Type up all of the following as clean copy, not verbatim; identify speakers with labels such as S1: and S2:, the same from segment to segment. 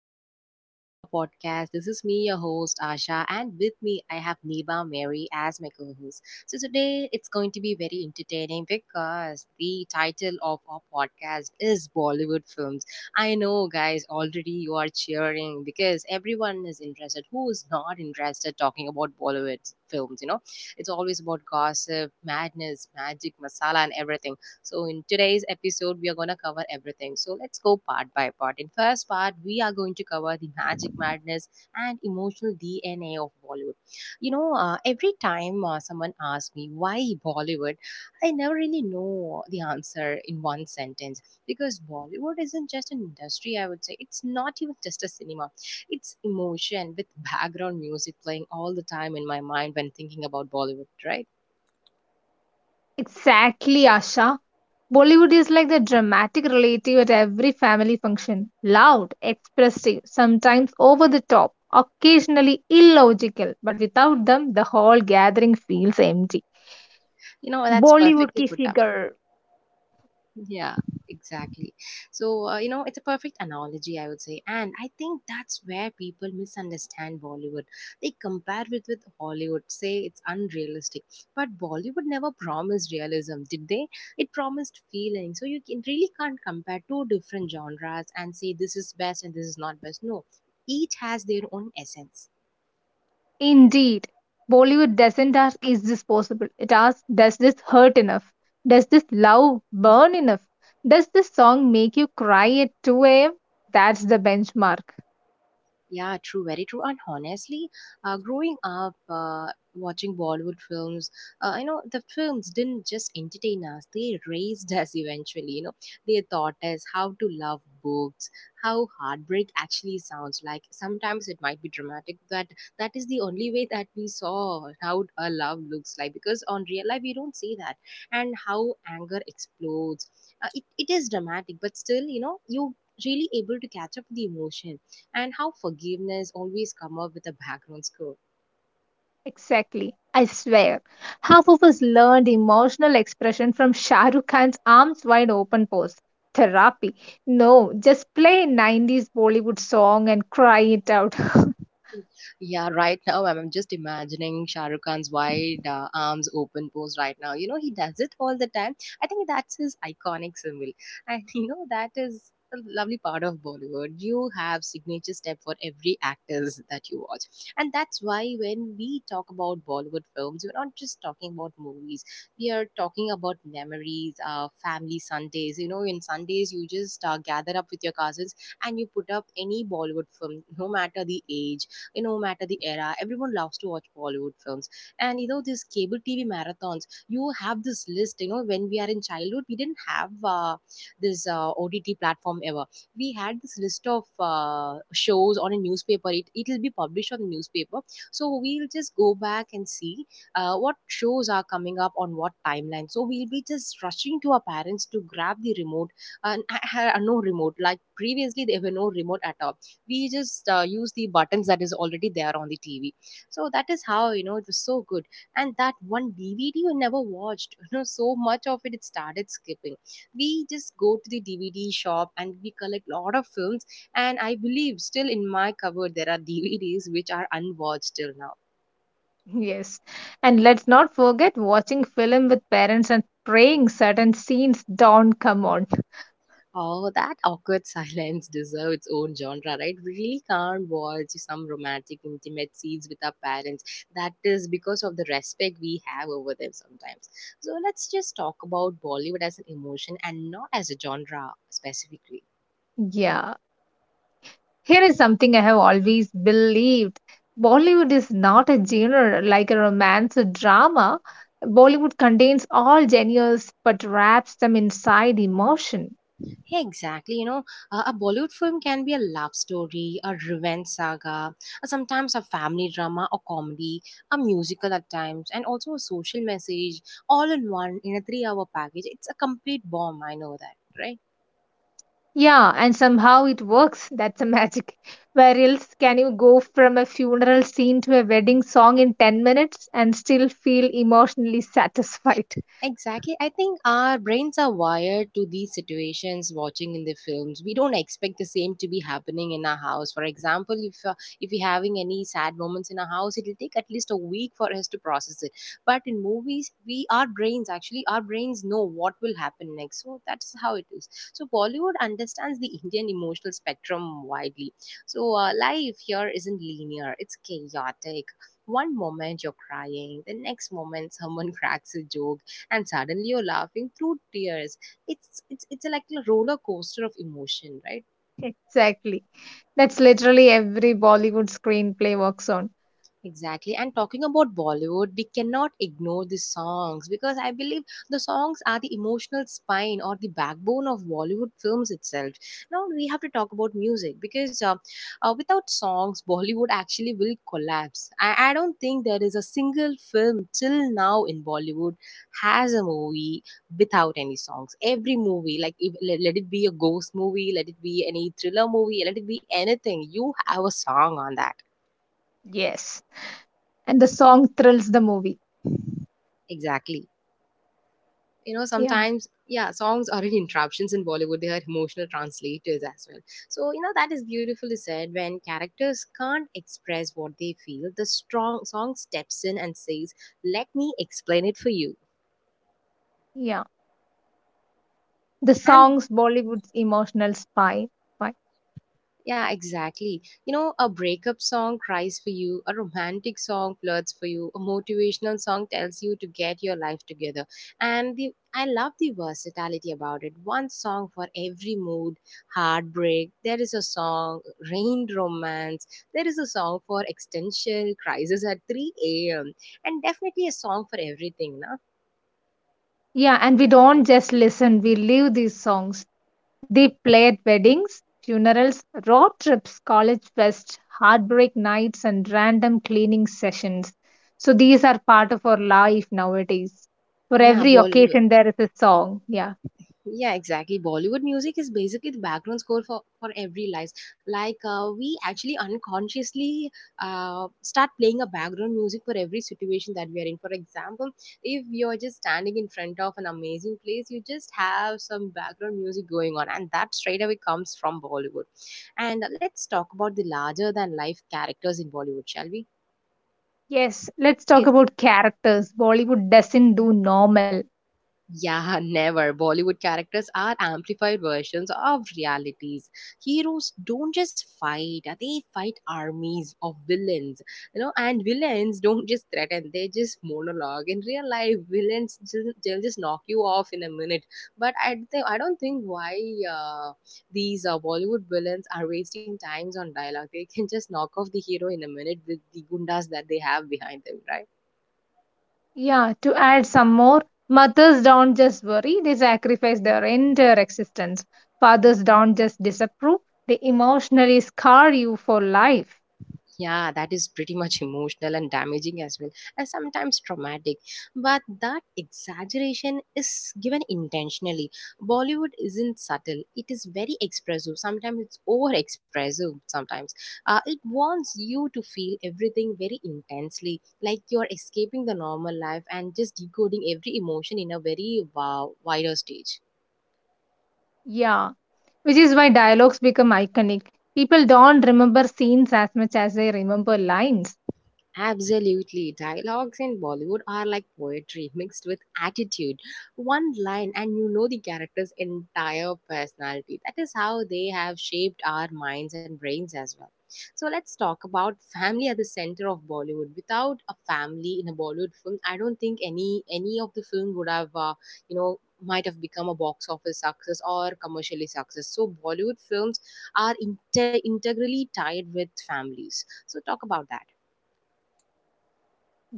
S1: everyone. Welcome to our podcast. This is me, your host, Asha, and with me, I have Neba Mary as my co host. So, today it's going to be very entertaining because the title of our podcast is Bollywood Films. I know, guys, already you are cheering because everyone is interested. Who is not interested talking about Bollywood films? You know, it's always about gossip, madness, magic, masala, and everything. So, in today's episode, we are going to cover everything. So, let's go part by part. In first part, we are going to cover the magic madness and emotional DNA of Bollywood. Every time someone asks me why Bollywood, I never really know the answer in one sentence because Bollywood isn't just an industry, I would say. It's not even just a cinema, it's emotion with background music playing all the time in my mind when thinking about Bollywood, right?
S2: Exactly, Asha. Bollywood is like the dramatic relative at every family function. Loud, expressive, sometimes over the top, occasionally illogical, but without them, the whole gathering feels empty.
S1: You know, that's
S2: Bollywood
S1: perfectly
S2: ki
S1: put up.
S2: figure.
S1: Yeah, exactly. So, it's a perfect analogy, I would say. And I think that's where people misunderstand Bollywood. They compare it with Hollywood, say it's unrealistic. But Bollywood never promised realism, did they? It promised feeling. So you can, really can't compare two different genres and say this is best and this is not best. No, each has their own essence.
S2: Indeed, Bollywood doesn't ask, is this possible? It asks, does this hurt enough? Does this love burn enough? Does this song make you cry at 2 a.m.? That's the benchmark.
S1: Yeah, true, very true. And honestly, growing up watching Bollywood films, you know, the films didn't just entertain us, they raised us eventually. You know, they taught us how to love books, how heartbreak actually sounds like. Sometimes it might be dramatic, but that is the only way that we saw how a love looks like because on real life, we don't see that. And how anger explodes. It is dramatic, but still, you know, you really able to catch up with the emotion and how forgiveness always come up with a background score.
S2: Exactly. I swear. Half of us learned emotional expression from Shah Rukh Khan's arms wide open pose. Therapy. No, just play a 90s Bollywood song and cry it out.
S1: Yeah, right now I'm just imagining Shah Rukh Khan's wide arms open pose right now. You know, he does it all the time. I think that's his iconic symbol. And you know, that is a lovely part of Bollywood. You have signature step for every actors that you watch. And that's why when we talk about Bollywood films, we're not just talking about movies. We are talking about memories, family Sundays. You know, in Sundays, you just gather up with your cousins and you put up any Bollywood film, no matter the age, you know, no matter the era, everyone loves to watch Bollywood films. And you know, these cable TV marathons, you have this list. You know, when we are in childhood, we didn't have this OTT platform ever. We had this list of shows on a newspaper. It'll be published on the newspaper, so we'll just go back and see what shows are coming up on what timeline. So we'll be just rushing to our parents to grab the remote. And I had no remote. Like previously, there were no remote at all, we just use the buttons that is already there on the TV. So that is how, you know, it was so good. And that one DVD you never watched, you know, so much of it, it started skipping. We just go to the DVD shop and we collect a lot of films. And I believe still in my cupboard there are DVDs which are unwatched till now.
S2: Yes. And let's not forget watching film with parents and praying certain scenes don't come on.
S1: Oh, that awkward silence deserves its own genre, right? We really can't watch some romantic, intimate scenes with our parents. That is because of the respect we have over them sometimes. So let's just talk about Bollywood as an emotion and not as a genre specifically.
S2: Yeah. Here is something I have always believed. Bollywood is not a genre like a romance or drama. Bollywood contains all genres but wraps them inside emotion.
S1: Yeah, exactly. You know, a Bollywood film can be a love story, a revenge saga, sometimes a family drama or comedy, a musical at times, and also a social message all in one in a 3 hour package. It's a complete bomb, I know that, right?
S2: Yeah, and somehow it works. That's a magic. Where else can you go from a funeral scene to a wedding song in 10 minutes and still feel emotionally satisfied?
S1: Exactly. I think our brains are wired to these situations watching in the films. We don't expect the same to be happening in our house. For example, if we're having any sad moments in our house, it will take at least a week for us to process it. But in movies, we our brains actually our brains know what will happen next. So that's how it is. So Bollywood understands the Indian emotional spectrum widely. So life here isn't linear. It's chaotic. One moment you're crying, the next moment someone cracks a joke and suddenly you're laughing through tears. It's like a roller coaster of emotion, right?
S2: Exactly. That's literally every Bollywood screenplay works on.
S1: Exactly. And talking about Bollywood, we cannot ignore the songs because I believe the songs are the emotional spine or the backbone of Bollywood films itself. Now we have to talk about music because without songs, Bollywood actually will collapse. I don't think there is a single film till now in Bollywood has a movie without any songs. Every movie, like if, let, let it be a ghost movie, let it be any thriller movie, let it be anything, you have a song on that.
S2: Yes. And the song thrills the movie.
S1: Exactly. You know,
S2: Yeah.
S1: sometimes, yeah, songs aren't interruptions in Bollywood, they are emotional translators as well. So you know that is beautifully said. When characters can't express what they feel, the strong song steps in and says, let me explain it for you.
S2: Yeah, the
S1: And
S2: songs Bollywood's emotional spine. Right.
S1: yeah, exactly. You know, a breakup song cries for you, a romantic song flirts for you, a motivational song tells you to get your life together. And the I love the versatility about it. One song for every mood, heartbreak, there is a song, rain romance, there is a song for existential crisis at 3 a.m. and definitely a song for everything, na?
S2: Yeah, and we don't just listen, we live these songs. They play at weddings, funerals, road trips, college fests, heartbreak nights, and random cleaning sessions. So these are part of our life nowadays. For
S1: Yeah,
S2: every
S1: Bollywood.
S2: occasion, there is a song. Yeah.
S1: Yeah, exactly. Bollywood music is basically the background score for every life. Like we actually unconsciously start playing a background music for every situation that we are in. For example, if you're just standing in front of an amazing place, you just have some background music going on, and that straight away comes from Bollywood. And let's talk about the larger than life characters in Bollywood, shall we?
S2: Yes, let's talk
S1: Yes.
S2: about characters. Bollywood doesn't do normal.
S1: Yeah, never. Bollywood characters are amplified versions of realities. Heroes don't just fight, they fight armies of villains. You know, and villains don't just threaten, they just monologue. In real life, they'll just knock you off in a minute. But I don't think why uh, these Bollywood villains are wasting times on dialogue. They can just knock off the hero in a minute with the gundas that they have behind them, right?
S2: Yeah, to add some more, mothers don't just worry, they sacrifice their entire existence. Fathers don't just disapprove, they emotionally scar you for life.
S1: Yeah, that is pretty much emotional and damaging as well, and sometimes traumatic. But that exaggeration is given intentionally. Bollywood isn't subtle, it is very expressive. Sometimes it's over expressive, sometimes. It wants you to feel everything very intensely, like you're escaping the normal life and just decoding every emotion in a very wow, wider stage.
S2: Yeah, which is why dialogues become iconic. People don't remember scenes as much as they remember lines.
S1: Absolutely. Dialogues in Bollywood are like poetry mixed with attitude. One line, and you know the character's entire personality. That is how they have shaped our minds and brains as well. So, let's talk about family at the center of Bollywood. Without a family in a Bollywood film, I don't think any of the film would have, you know, might have become a box office success or commercially success. So, Bollywood films are integrally tied with families. So, talk about that.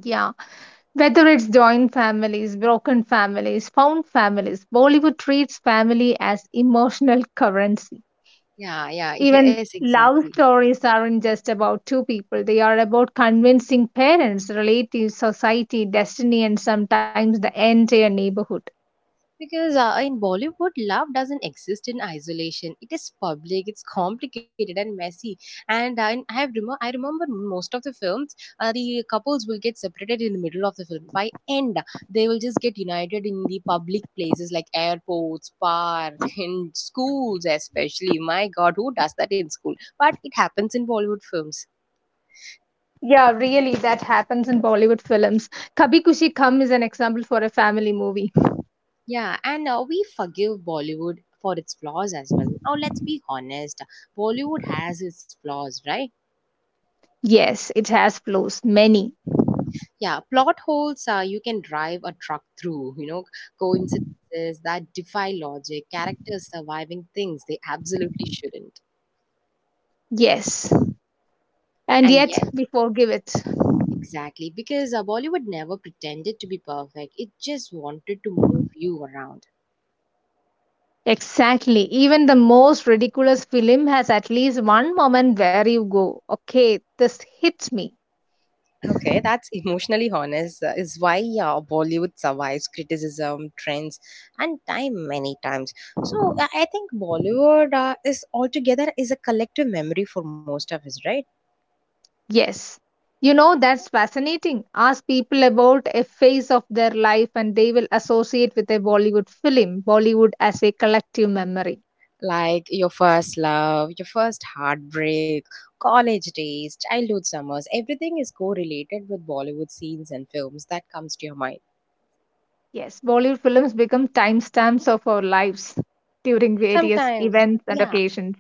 S2: Yeah, whether it's joint families, broken families, found families, Bollywood treats family as emotional currency.
S1: Yeah, yeah,
S2: Even
S1: yes,
S2: love
S1: exactly.
S2: stories aren't just about two people, they are about convincing parents, relatives, society, destiny, and sometimes the entire neighborhood.
S1: Because in Bollywood, love doesn't exist in isolation. It is public, it's complicated and messy. And I remember most of the films, the couples will get separated in the middle of the film. By end, they will just get united in the public places like airports, park, in schools, especially. My God, who does that in school? But it happens in Bollywood films.
S2: Yeah, really, that happens in Bollywood films. Kabhi Kushi Kam is an example for a family movie.
S1: Yeah, and we forgive Bollywood for its flaws as well. Now, let's be honest. Bollywood has its flaws, right?
S2: Yes, it has flaws, many.
S1: Yeah, plot holes you can drive a truck through, you know, coincidences that defy logic, characters surviving things they absolutely shouldn't.
S2: Yes. And
S1: And
S2: yet,
S1: yet,
S2: we forgive it.
S1: exactly, because Bollywood never pretended to be perfect, it just wanted to move you around.
S2: Exactly. Even the most ridiculous film has at least one moment where you go, okay, this hits me.
S1: Okay, that's emotionally honest. Is why Bollywood survives criticism, trends, and time many times. So I think Bollywood is altogether is a collective memory for most of us, right?
S2: Yes. You know, that's fascinating. Ask people about a phase of their life and they will associate with a Bollywood film, Bollywood as a collective memory.
S1: Like your first love, your first heartbreak, college days, childhood summers. Everything is correlated with Bollywood scenes and films that comes to your mind.
S2: Yes, Bollywood films become timestamps of our lives during various
S1: Sometimes,
S2: events and
S1: yeah.
S2: occasions.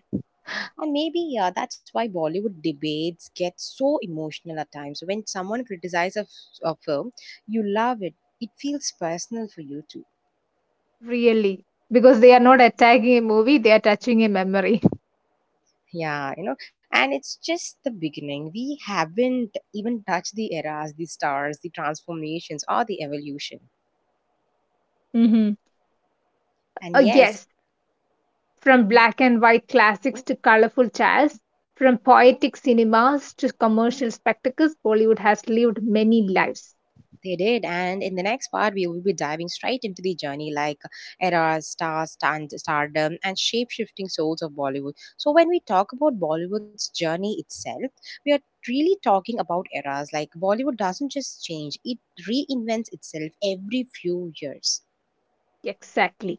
S1: And maybe yeah, that's why Bollywood debates get so emotional at times. When someone criticizes a film, you love it. It feels personal for you too.
S2: Really. Because they are not attacking a movie, they are touching a memory.
S1: Yeah, you know, and it's just the beginning. We haven't even touched the eras, the stars, the transformations, or the evolution.
S2: Hmm.
S1: And yes,
S2: Yes, from black and white classics to colorful jazz, from poetic cinemas to commercial spectacles, Bollywood has lived many lives.
S1: They did. And in the next part, we will be diving straight into the journey like eras, stars, stardom, and shape shifting souls of Bollywood. So, when we talk about Bollywood's journey itself, we are really talking about eras. Like, Bollywood doesn't just change, it reinvents itself every few years.
S2: Exactly.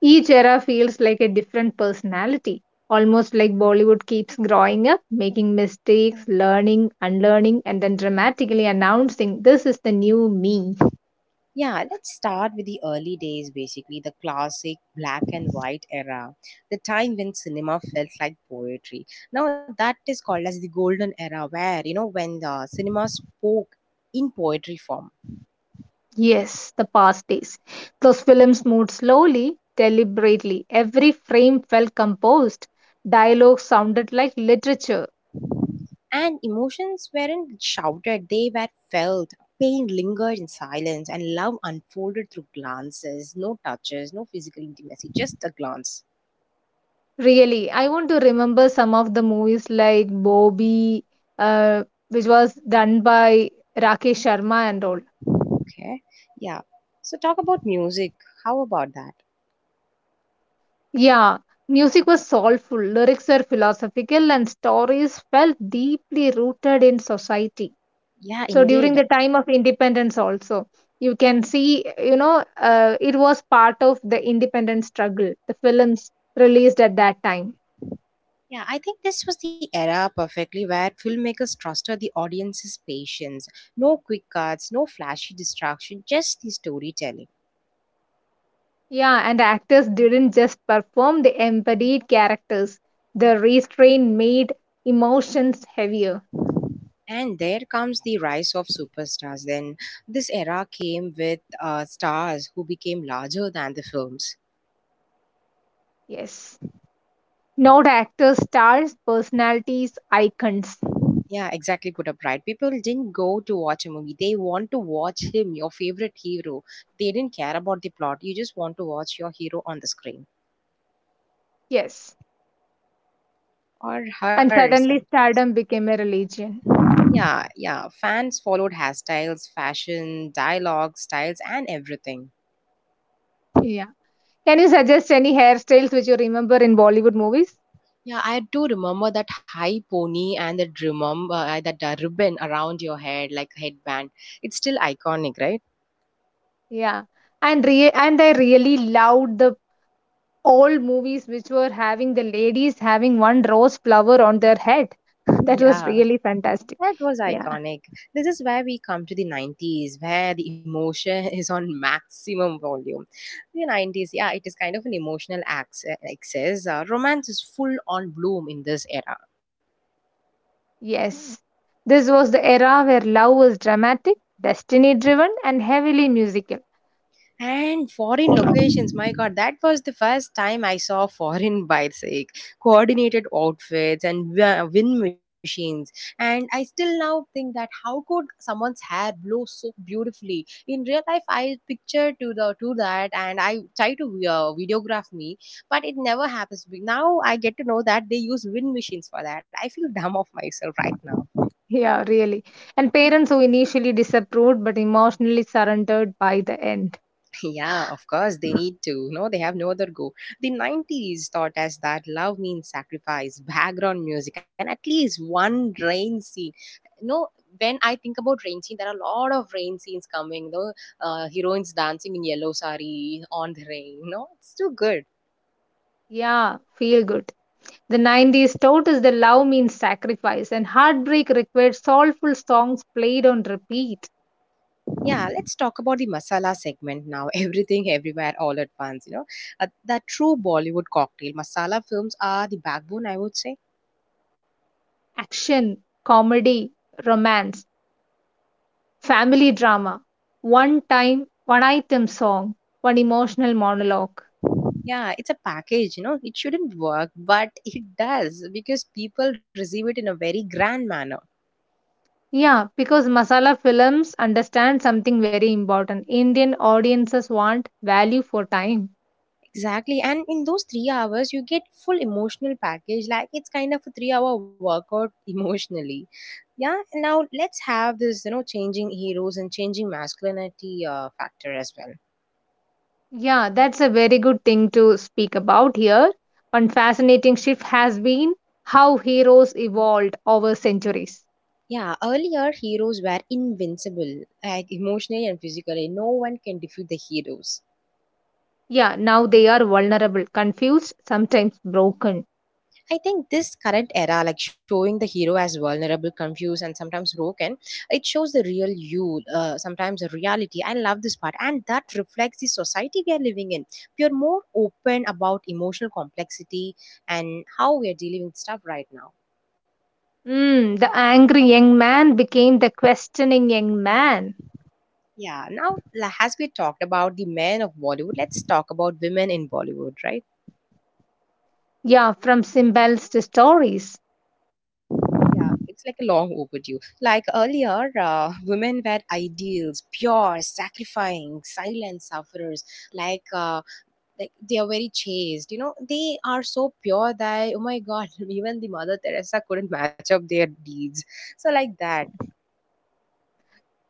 S2: Each era feels like a different personality, almost like Bollywood keeps growing up, making mistakes, learning, unlearning, and then dramatically announcing this is the new me.
S1: Yeah, let's start with the early days, basically, the classic black and white era, the time when cinema felt like poetry. Now, that is called as the golden era, where, you know, when the cinema spoke in poetry form,
S2: Yes, the past days. Those films moved slowly, deliberately. Every frame felt composed. Dialogue sounded like literature.
S1: and emotions weren't shouted, they were felt. Pain lingered in silence and love unfolded through glances, no touches, no physical intimacy, just a glance.
S2: Really, I want to remember some of the movies like Bobby, uh, which was done by Rakesh Sharma and all.
S1: Okay, yeah. So, talk about music. How about that?
S2: Yeah, music was soulful, lyrics were philosophical, and stories felt deeply rooted in society.
S1: Yeah,
S2: So during the
S1: indeed.
S2: time of independence, also, you can see, you know, it was part of the independence struggle, the films released at that time.
S1: Yeah, I think this was the era perfectly where filmmakers trusted the audience's patience. No quick cuts, no flashy distraction, just the storytelling.
S2: Yeah, and actors didn't just perform, they embodied characters. The restraint made emotions heavier.
S1: And there comes the rise of superstars. Then this era came with stars who became larger than the films.
S2: Yes. Not actors, stars, personalities, icons.
S1: Yeah, exactly. Put up right. People didn't go to watch a movie. They want to watch him, your favorite hero. They didn't care about the plot. You just want to watch your hero on the screen,
S2: Yes.
S1: or
S2: And
S1: her
S2: suddenly
S1: sometimes.
S2: stardom became a religion.
S1: Yeah, yeah. Fans followed hairstyles, fashion, dialogue, styles, and everything.
S2: Yeah. Can you suggest any hairstyles which you remember in Bollywood movies?
S1: Yeah, I do remember that high pony and that remember that ribbon around your head, like headband. It's still iconic, right?
S2: Yeah. And I really loved the old movies which were having the ladies having one rose flower on their head. That
S1: Yeah,
S2: was really fantastic.
S1: that was
S2: Yeah.
S1: iconic. This is where we come to the 90s, where the emotion is on maximum volume. The 90s, yeah, it is kind of an emotional excess. Romance is full on bloom in this era.
S2: Yes. This was the era where love was dramatic, destiny driven, and heavily musical.
S1: And foreign locations, my God, that was the first time I saw foreign bikes, like coordinated outfits and wind machines. And I still now think that how could someone's hair blow so beautifully? In real life, I picture to that, and I try to videograph me, but it never happens. Now I get to know that they use wind machines for that. I feel dumb of myself right now.
S2: Yeah, really. And parents who initially disapproved but emotionally surrendered by the end.
S1: Yeah, of course they need to. No, they have no other go. The 90s taught us that love means sacrifice, background music, and at least one rain scene. No, when I think about rain scene, there are a lot of rain scenes coming. The heroines dancing in yellow sari on the rain. No, it's too good.
S2: Yeah, feel good. The 90s taught us that love means sacrifice and heartbreak required soulful songs played on repeat.
S1: Yeah, let's talk about the masala segment now. Everything, everywhere, all at once. You know, that true Bollywood cocktail. Masala films are the backbone, I would say.
S2: Action, comedy, romance, family drama, one time, one item song, one emotional monologue.
S1: Yeah, it's a package, you know, it shouldn't work, but it does because people receive it in a very grand manner.
S2: Yeah, because masala films understand something very important. Indian audiences want value for time.
S1: Exactly. And in those 3 hours, you get full emotional package. Like it's kind of a 3 hour workout emotionally. Yeah. And now let's have this, you know, changing heroes and changing masculinity factor as well.
S2: Yeah, that's a very good thing to speak about here. One fascinating shift has been how heroes evolved over centuries.
S1: Yeah. Earlier, heroes were invincible, like emotionally and physically. No one can defeat the heroes.
S2: Yeah, now they are vulnerable, confused, sometimes broken.
S1: I think this current era, like showing the hero as vulnerable, confused, and sometimes broken, it shows the real you, sometimes the reality. I love this part, and that reflects the society we are living in. We are more open about emotional complexity and how we are dealing with stuff right now.
S2: Mm, the angry young man became the questioning young man.
S1: Yeah, as we talked about the men of Bollywood, let's talk about women in Bollywood, right?
S2: Yeah, from symbols to stories.
S1: Yeah, it's like a long overdue. Like earlier, women were ideals, pure, sacrificing, silent sufferers. Like, uh, like they are very chaste. You know, they are so pure that oh my god, even the Mother Teresa couldn't match up their deeds. So like that.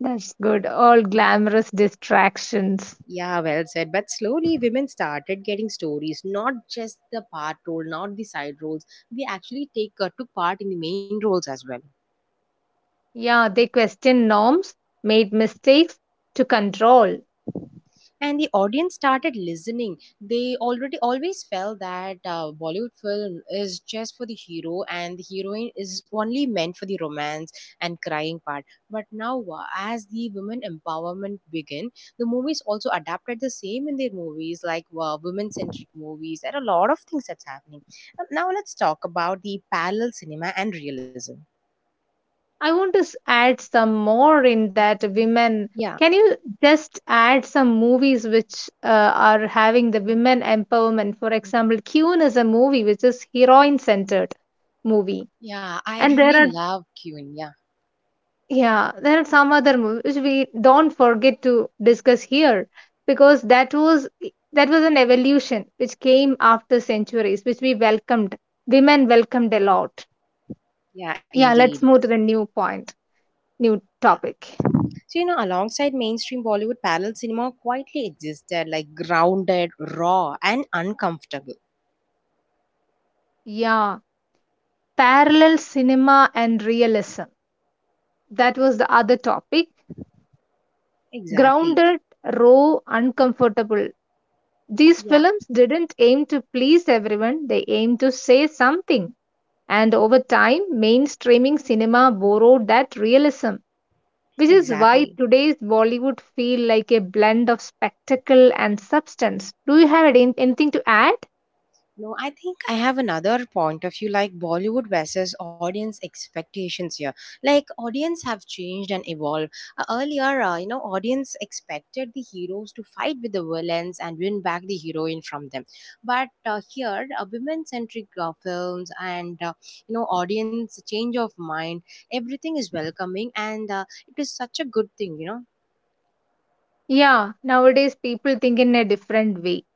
S2: That's good. All glamorous distractions.
S1: Yeah, well said. But slowly, women started getting stories, not just the part role, not the side roles. We actually take took part in the main roles as well.
S2: Yeah, they questioned norms, made mistakes to control.
S1: And the audience started listening. They already always felt that Bollywood film is just for the hero and the heroine is only meant for the romance and crying part. But now, as the women empowerment began, the movies also adapted the same in their movies, like women centric movies. There are a lot of things that's happening. Now let's talk about the parallel cinema and realism.
S2: I want to add some more in that women.
S1: Yeah,
S2: Can you just add some movies which are having the women empowerment? For example, Qune is a movie which is heroine centered movie,
S1: yeah, I
S2: and there
S1: really
S2: are,
S1: love Qin. Yeah,
S2: yeah, there are some other movies which we don't forget to discuss here, because that was, that was an evolution which came after centuries which we welcomed, women welcomed a lot.
S1: yeah,
S2: Yeah,
S1: indeed.
S2: let's move to the new point, new
S1: Yeah.
S2: topic.
S1: So, you know, alongside mainstream Bollywood, parallel cinema quietly existed, like grounded, raw, and uncomfortable.
S2: Yeah. Parallel cinema and realism. That was the other topic.
S1: Exactly.
S2: Grounded, raw, uncomfortable. These
S1: Yeah,
S2: films didn't aim to please everyone, they aimed to say something. And over time, mainstreaming cinema borrowed that realism, which is why
S1: exactly.
S2: today's Bollywood feels like a blend of spectacle and substance. Do you have anything to add?
S1: No, I think I have another point of view like Bollywood versus audience expectations here. Like audience have changed and evolved. Earlier, you know, audience expected the heroes to fight with the villains and win back the heroine from them. But here, women-centric films and you know, audience change of mind, everything is welcoming and it is such a good thing, you know.
S2: Yeah, nowadays people think in a different way.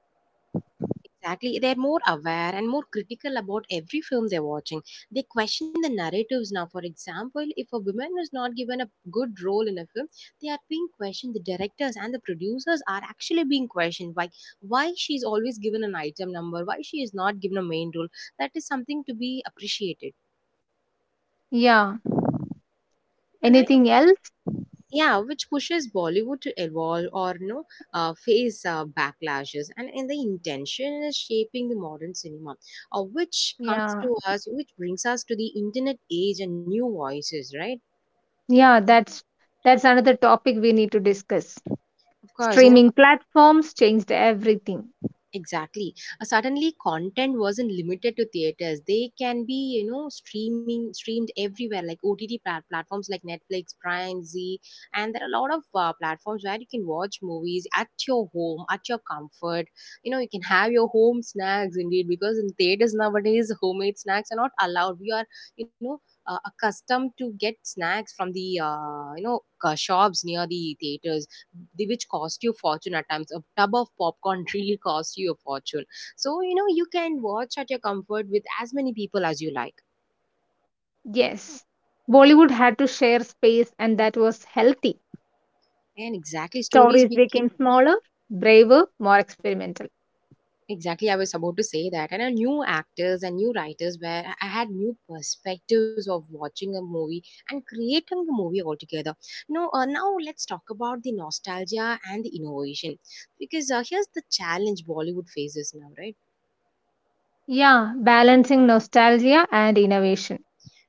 S1: Exactly. They're more aware and more critical about every film they're watching. They question the narratives now. For example, if a woman is not given a good role in a film, they are being questioned. The directors and the producers are actually being questioned. Like, why she's always given an item number? Why she is not given a main role? That is something to be appreciated.
S2: Yeah,
S1: And I
S2: anything else?
S1: Yeah, which pushes Bollywood to evolve, or you know, face backlashes, and the intention is shaping the modern cinema, which comes
S2: Yeah.
S1: to us, which brings us to the internet age and new voices, right?
S2: Yeah, that's another topic we need to discuss.
S1: Of course, you know.
S2: Streaming platforms changed everything.
S1: Exactly. Suddenly, content wasn't limited to theaters. They can be, you know, streaming streamed everywhere, like OTT platforms like Netflix, Prime, Z, and there are a lot of platforms where you can watch movies at your home, at your comfort. You know, you can have your home snacks indeed, because in theaters nowadays, homemade snacks are not allowed. We are, you know, accustomed to get snacks from the, you know, shops near the theaters, the which cost you a fortune at times. A tub of popcorn really costs you a fortune. So you know, you can watch at your comfort with as many people as you like.
S2: Yes. Bollywood had to share space and that was healthy.
S1: And exactly, stories
S2: Stories
S1: became,
S2: became smaller, braver, more experimental.
S1: exactly, I was about to say that. And new actors and new writers, where I had new perspectives of watching a movie and creating the movie altogether, you know. Now let's talk about the nostalgia and the innovation, because here's the challenge Bollywood faces now, right?
S2: Yeah, balancing nostalgia and innovation.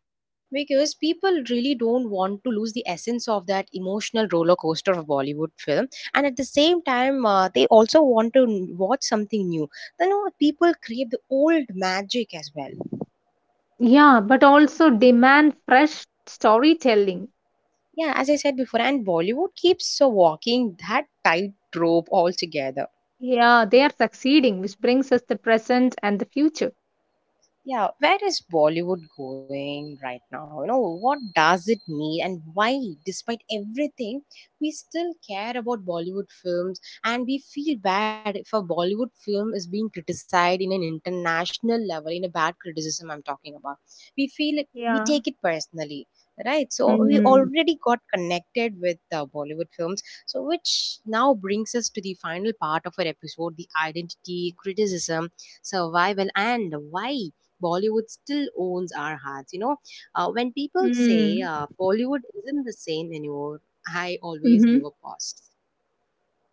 S1: Because people really don't want to lose the essence of that emotional roller coaster of Bollywood film, and at the same time they also want to watch something new. Then you know, people crave the old magic as well.
S2: Yeah, but also demand fresh storytelling.
S1: Yeah, as I said before, and Bollywood keeps walking that tightrope altogether.
S2: Yeah, they are succeeding, which brings us the present and the future.
S1: Yeah, where is Bollywood going right now? You know, what does it mean and why, despite everything, we still care about Bollywood films, and we feel bad if a Bollywood film is being criticized in an international level, in a bad criticism I'm talking about. We feel it, we
S2: Yeah.
S1: take it personally, right? So we
S2: Mm.
S1: already got connected with the Bollywood films, so which now brings us to the final part of our episode: the identity, criticism, survival, and why. Bollywood still owns our hearts. You know, when people say
S2: Mm.
S1: Bollywood isn't the same anymore, I always give
S2: Mm-hmm.
S1: a pause.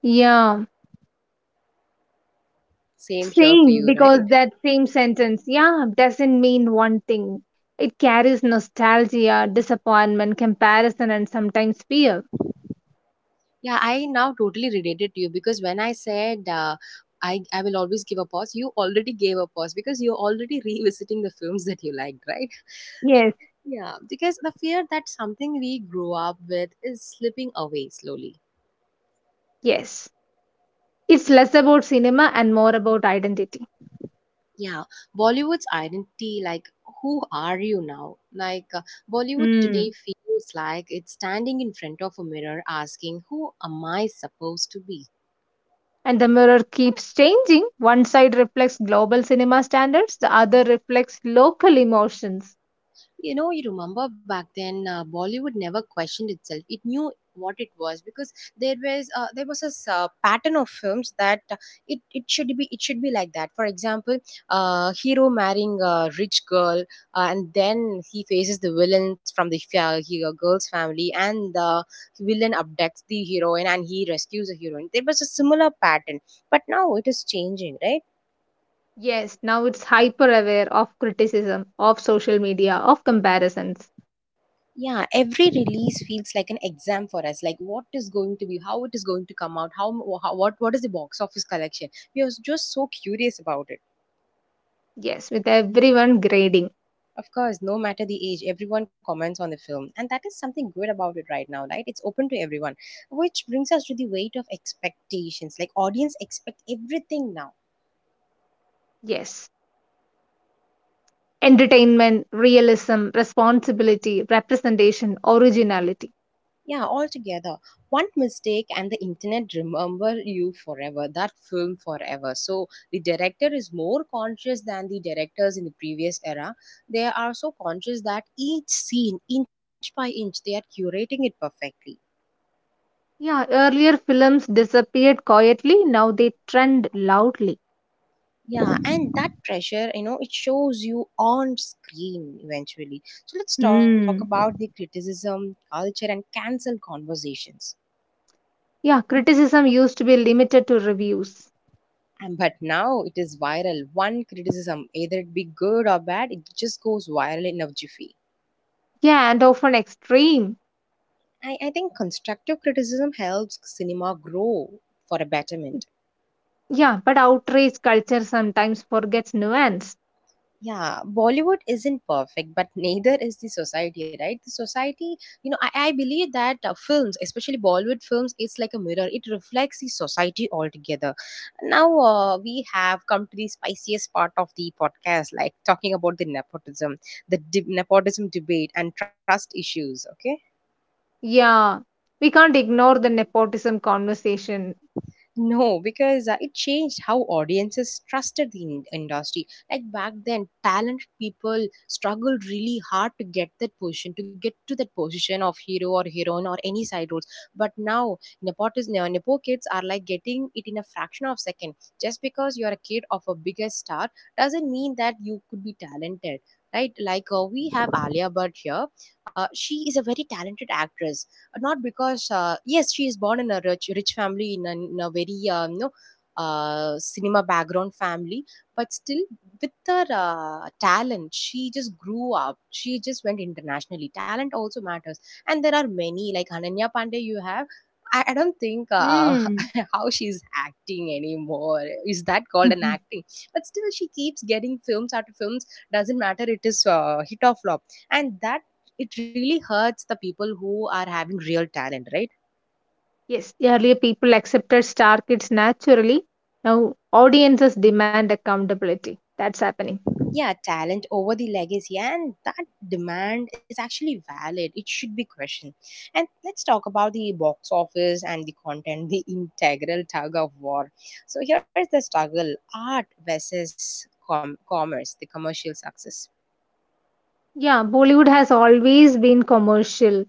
S2: Yeah.
S1: Same here for
S2: Same,
S1: you,
S2: because
S1: right?
S2: that same sentence, yeah, doesn't mean one thing. It carries nostalgia, disappointment, comparison, and sometimes fear.
S1: Yeah, I now totally related to you because when I said uh, I will always give a pause, you already gave a pause because you're already revisiting the films that you liked, right?
S2: Yes,
S1: Yeah, because the fear that something we grew up with is slipping away slowly.
S2: yes. It's less about cinema and more about identity.
S1: Yeah, Bollywood's identity, like, who are you now? Like, Bollywood today
S2: Mm.
S1: feels like it's standing in front of a mirror asking, who am I supposed to be?
S2: And the mirror keeps changing. One side reflects global cinema standards, the other reflects local emotions.
S1: You know, you remember back then, Bollywood never questioned itself, it knew what it was, because there was a pattern of films that it it should be, it should be like that. For example, hero marrying a rich girl, and then he faces the villains from the girl's family, and the villain abducts the heroine and he rescues the heroine. There was a similar pattern, but now it is changing, right?
S2: Yes, now it's hyper aware of criticism, of social media, of comparisons.
S1: Yeah, every release feels like an exam for us. Like what is going to be, how it is going to come out, how, what is the box office collection? We are just so curious about it.
S2: Yes, with everyone grading.
S1: Of course, no matter the age, everyone comments on the film, and that is something good about it right now, right? It's open to everyone, which brings us to the weight of expectations. Like audience expect everything now.
S2: Yes. Entertainment, realism, responsibility, representation, originality.
S1: Yeah, altogether. One mistake and the internet remember you forever, that film forever. So the director is more conscious than the directors in the previous era. They are so conscious that each scene, inch by inch, they are curating it perfectly.
S2: Yeah, earlier films disappeared quietly, now they trend loudly.
S1: Yeah, and that pressure, you know, it shows you on screen eventually. So let's talk about
S2: Mm.
S1: the criticism, culture, and cancel conversations.
S2: Yeah, criticism used to be limited to reviews.
S1: But now it is viral. One criticism, either it be good or bad, it just goes viral in a jiffy.
S2: Yeah, and often extreme.
S1: I think constructive criticism helps cinema grow for a betterment.
S2: Yeah, but outrage culture sometimes forgets nuance.
S1: Yeah, Bollywood isn't perfect, but neither is the society, right? The society, you know, I believe that films, especially Bollywood films, it's like a mirror. It reflects the society altogether. Now, we have come to the spiciest part of the podcast, like talking about the nepotism, nepotism debate, and trust issues, okay?
S2: Yeah, we can't ignore the nepotism conversation.
S1: No, because it changed how audiences trusted the industry. Like back then, talented people struggled really hard to get that position, to get to that position of hero or heroine or any side roles. But now, nepo kids are like getting it in a fraction of a second. Just because you're a kid of a bigger star doesn't mean that you could be talented. Right, like we have Alia Bhatt here. She is a very talented actress, not because yes she is born in a rich family in a very you know cinema background family but still with her talent she just grew up, she just went internationally. Talent also matters, and there are many like Ananya Pandey. You have, I don't think
S2: Mm.
S1: how she's acting anymore. Is that called an acting? But still she keeps getting films after films, doesn't matter it is hit or flop. And that, it really hurts the people who are having real talent, right?
S2: Yes, earlier people accepted star kids naturally. Now audiences demand accountability. That's happening.
S1: Yeah, talent over the legacy, and that demand is actually valid. It should be questioned. And let's talk about the box office and the content, the integral tug of war. So here is the struggle: art versus commerce, the commercial success.
S2: Yeah, Bollywood has always been commercial,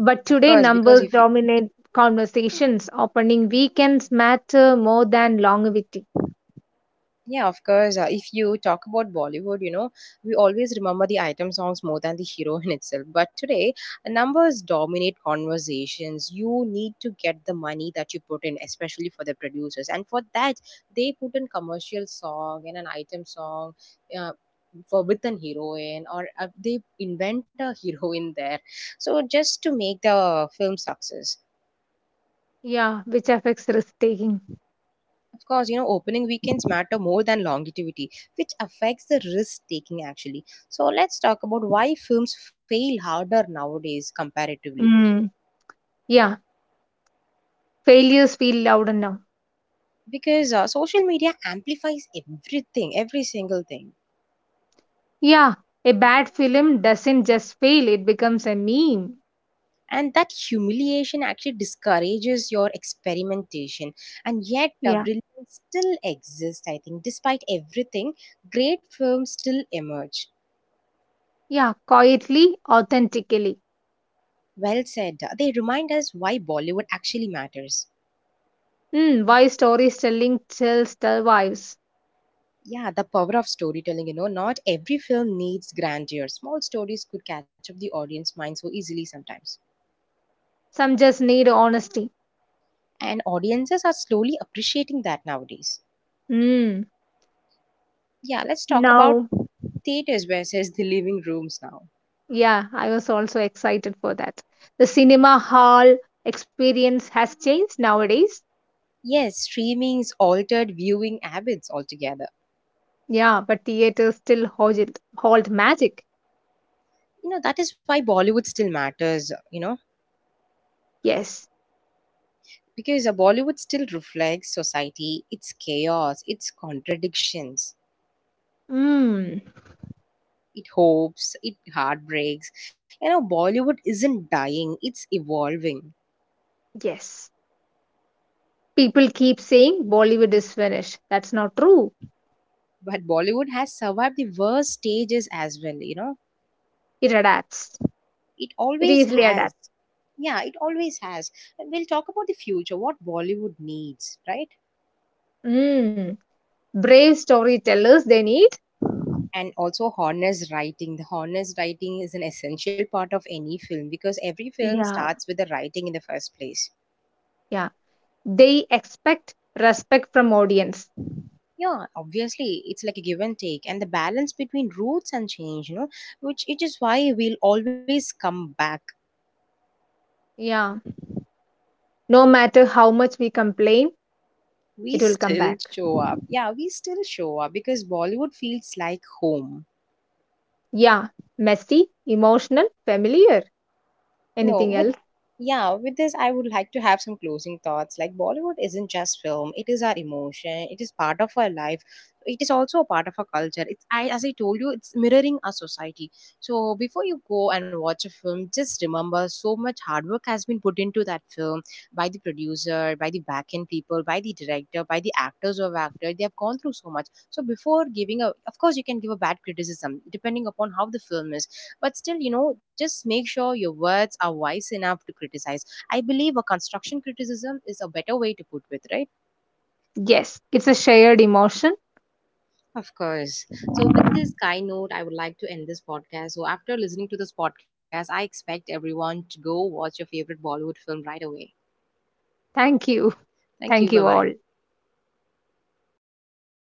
S2: but
S1: Of
S2: today
S1: course, because
S2: numbers
S1: if,
S2: dominate conversations. Opening weekends matter more than longevity.
S1: yeah, of course. If you talk about Bollywood, you know, we always remember the item songs more than the hero in itself. But today, numbers dominate conversations. You need to get the money that you put in, especially for the producers. And for that, they put in commercial song and an item song. Uh, for with an heroine or they invent a heroine there, so just to make the film success.
S2: Yeah, which affects risk taking.
S1: Of course, you know, opening weekends matter more than longevity, which affects the risk taking actually. So, let's talk about why films fail harder nowadays comparatively.
S2: Mm. Yeah, failures feel louder now.
S1: Because social media amplifies everything, every single thing.
S2: Yeah, a bad film doesn't just fail, it becomes a meme.
S1: And that humiliation actually discourages your experimentation. And yet,
S2: Yeah,
S1: brilliance still exists, I think. Despite everything, great films still emerge.
S2: yeah, quietly, authentically.
S1: Well said. They remind us why Bollywood actually matters.
S2: Mm, why storytelling still survives.
S1: Yeah, the power of storytelling, you know, not every film needs grandeur. Small stories could catch up the audience mind so easily sometimes.
S2: Some just need honesty.
S1: And audiences are slowly appreciating that nowadays.
S2: Mm.
S1: Yeah, let's talk about
S2: Now,
S1: theaters versus the living rooms now.
S2: yeah, I was also excited for that. The cinema hall experience has changed nowadays.
S1: Yes, streaming's altered viewing habits altogether.
S2: Yeah, but theaters still hold magic.
S1: You know, that is why Bollywood still matters, you know,
S2: Yes.
S1: because Bollywood still reflects society, its chaos, its contradictions.
S2: Mm,
S1: It hopes, it heartbreaks, you know, Bollywood isn't dying, it's evolving.
S2: yes. People keep saying Bollywood is finished. That's not true.
S1: But Bollywood has survived the worst stages as well, you know,
S2: It adapts.
S1: it
S2: It
S1: always
S2: easily
S1: has.
S2: adapts.
S1: Yeah, it always has. And we'll talk about the future, what Bollywood needs, right?
S2: Mm. Brave storytellers they need.
S1: And also honest writing. The honest writing is an essential part of any film, because every film
S2: Yeah.
S1: starts with the writing in the first place.
S2: Yeah. They expect respect from audience.
S1: Yeah, obviously, it's like a give and take, and the balance between roots and change, you know, which it is why we'll always come back.
S2: Yeah. No matter how much we complain,
S1: We
S2: it will come
S1: still
S2: back.
S1: show up. Yeah, we still show up because Bollywood feels like home.
S2: Yeah, messy, emotional, familiar.
S1: You know,
S2: Anything else?
S1: yeah, with this I would like to have some closing thoughts. Like Bollywood isn't just film, it is our emotion, it is part of our life. It is also a part of our culture. It's, I as I told you, it's mirroring our society. So before you go and watch a film, just remember so much hard work has been put into that film by the producer, by the back end people, by the director, by the actors who have acted. They have gone through so much. So before giving a, of course you can give a bad criticism depending upon how the film is, but still, you know, just make sure your words are wise enough to criticize. I believe a construction criticism is a better way to put with, right?
S2: Yes, it's a shared emotion.
S1: Of course. So, with this kind note, I would like to end this podcast. So, after listening to this podcast, I expect everyone to go watch your favorite Bollywood film right away.
S2: Thank you.
S1: Thank you.
S2: Thank
S1: Bye
S2: you
S1: bye.
S2: all.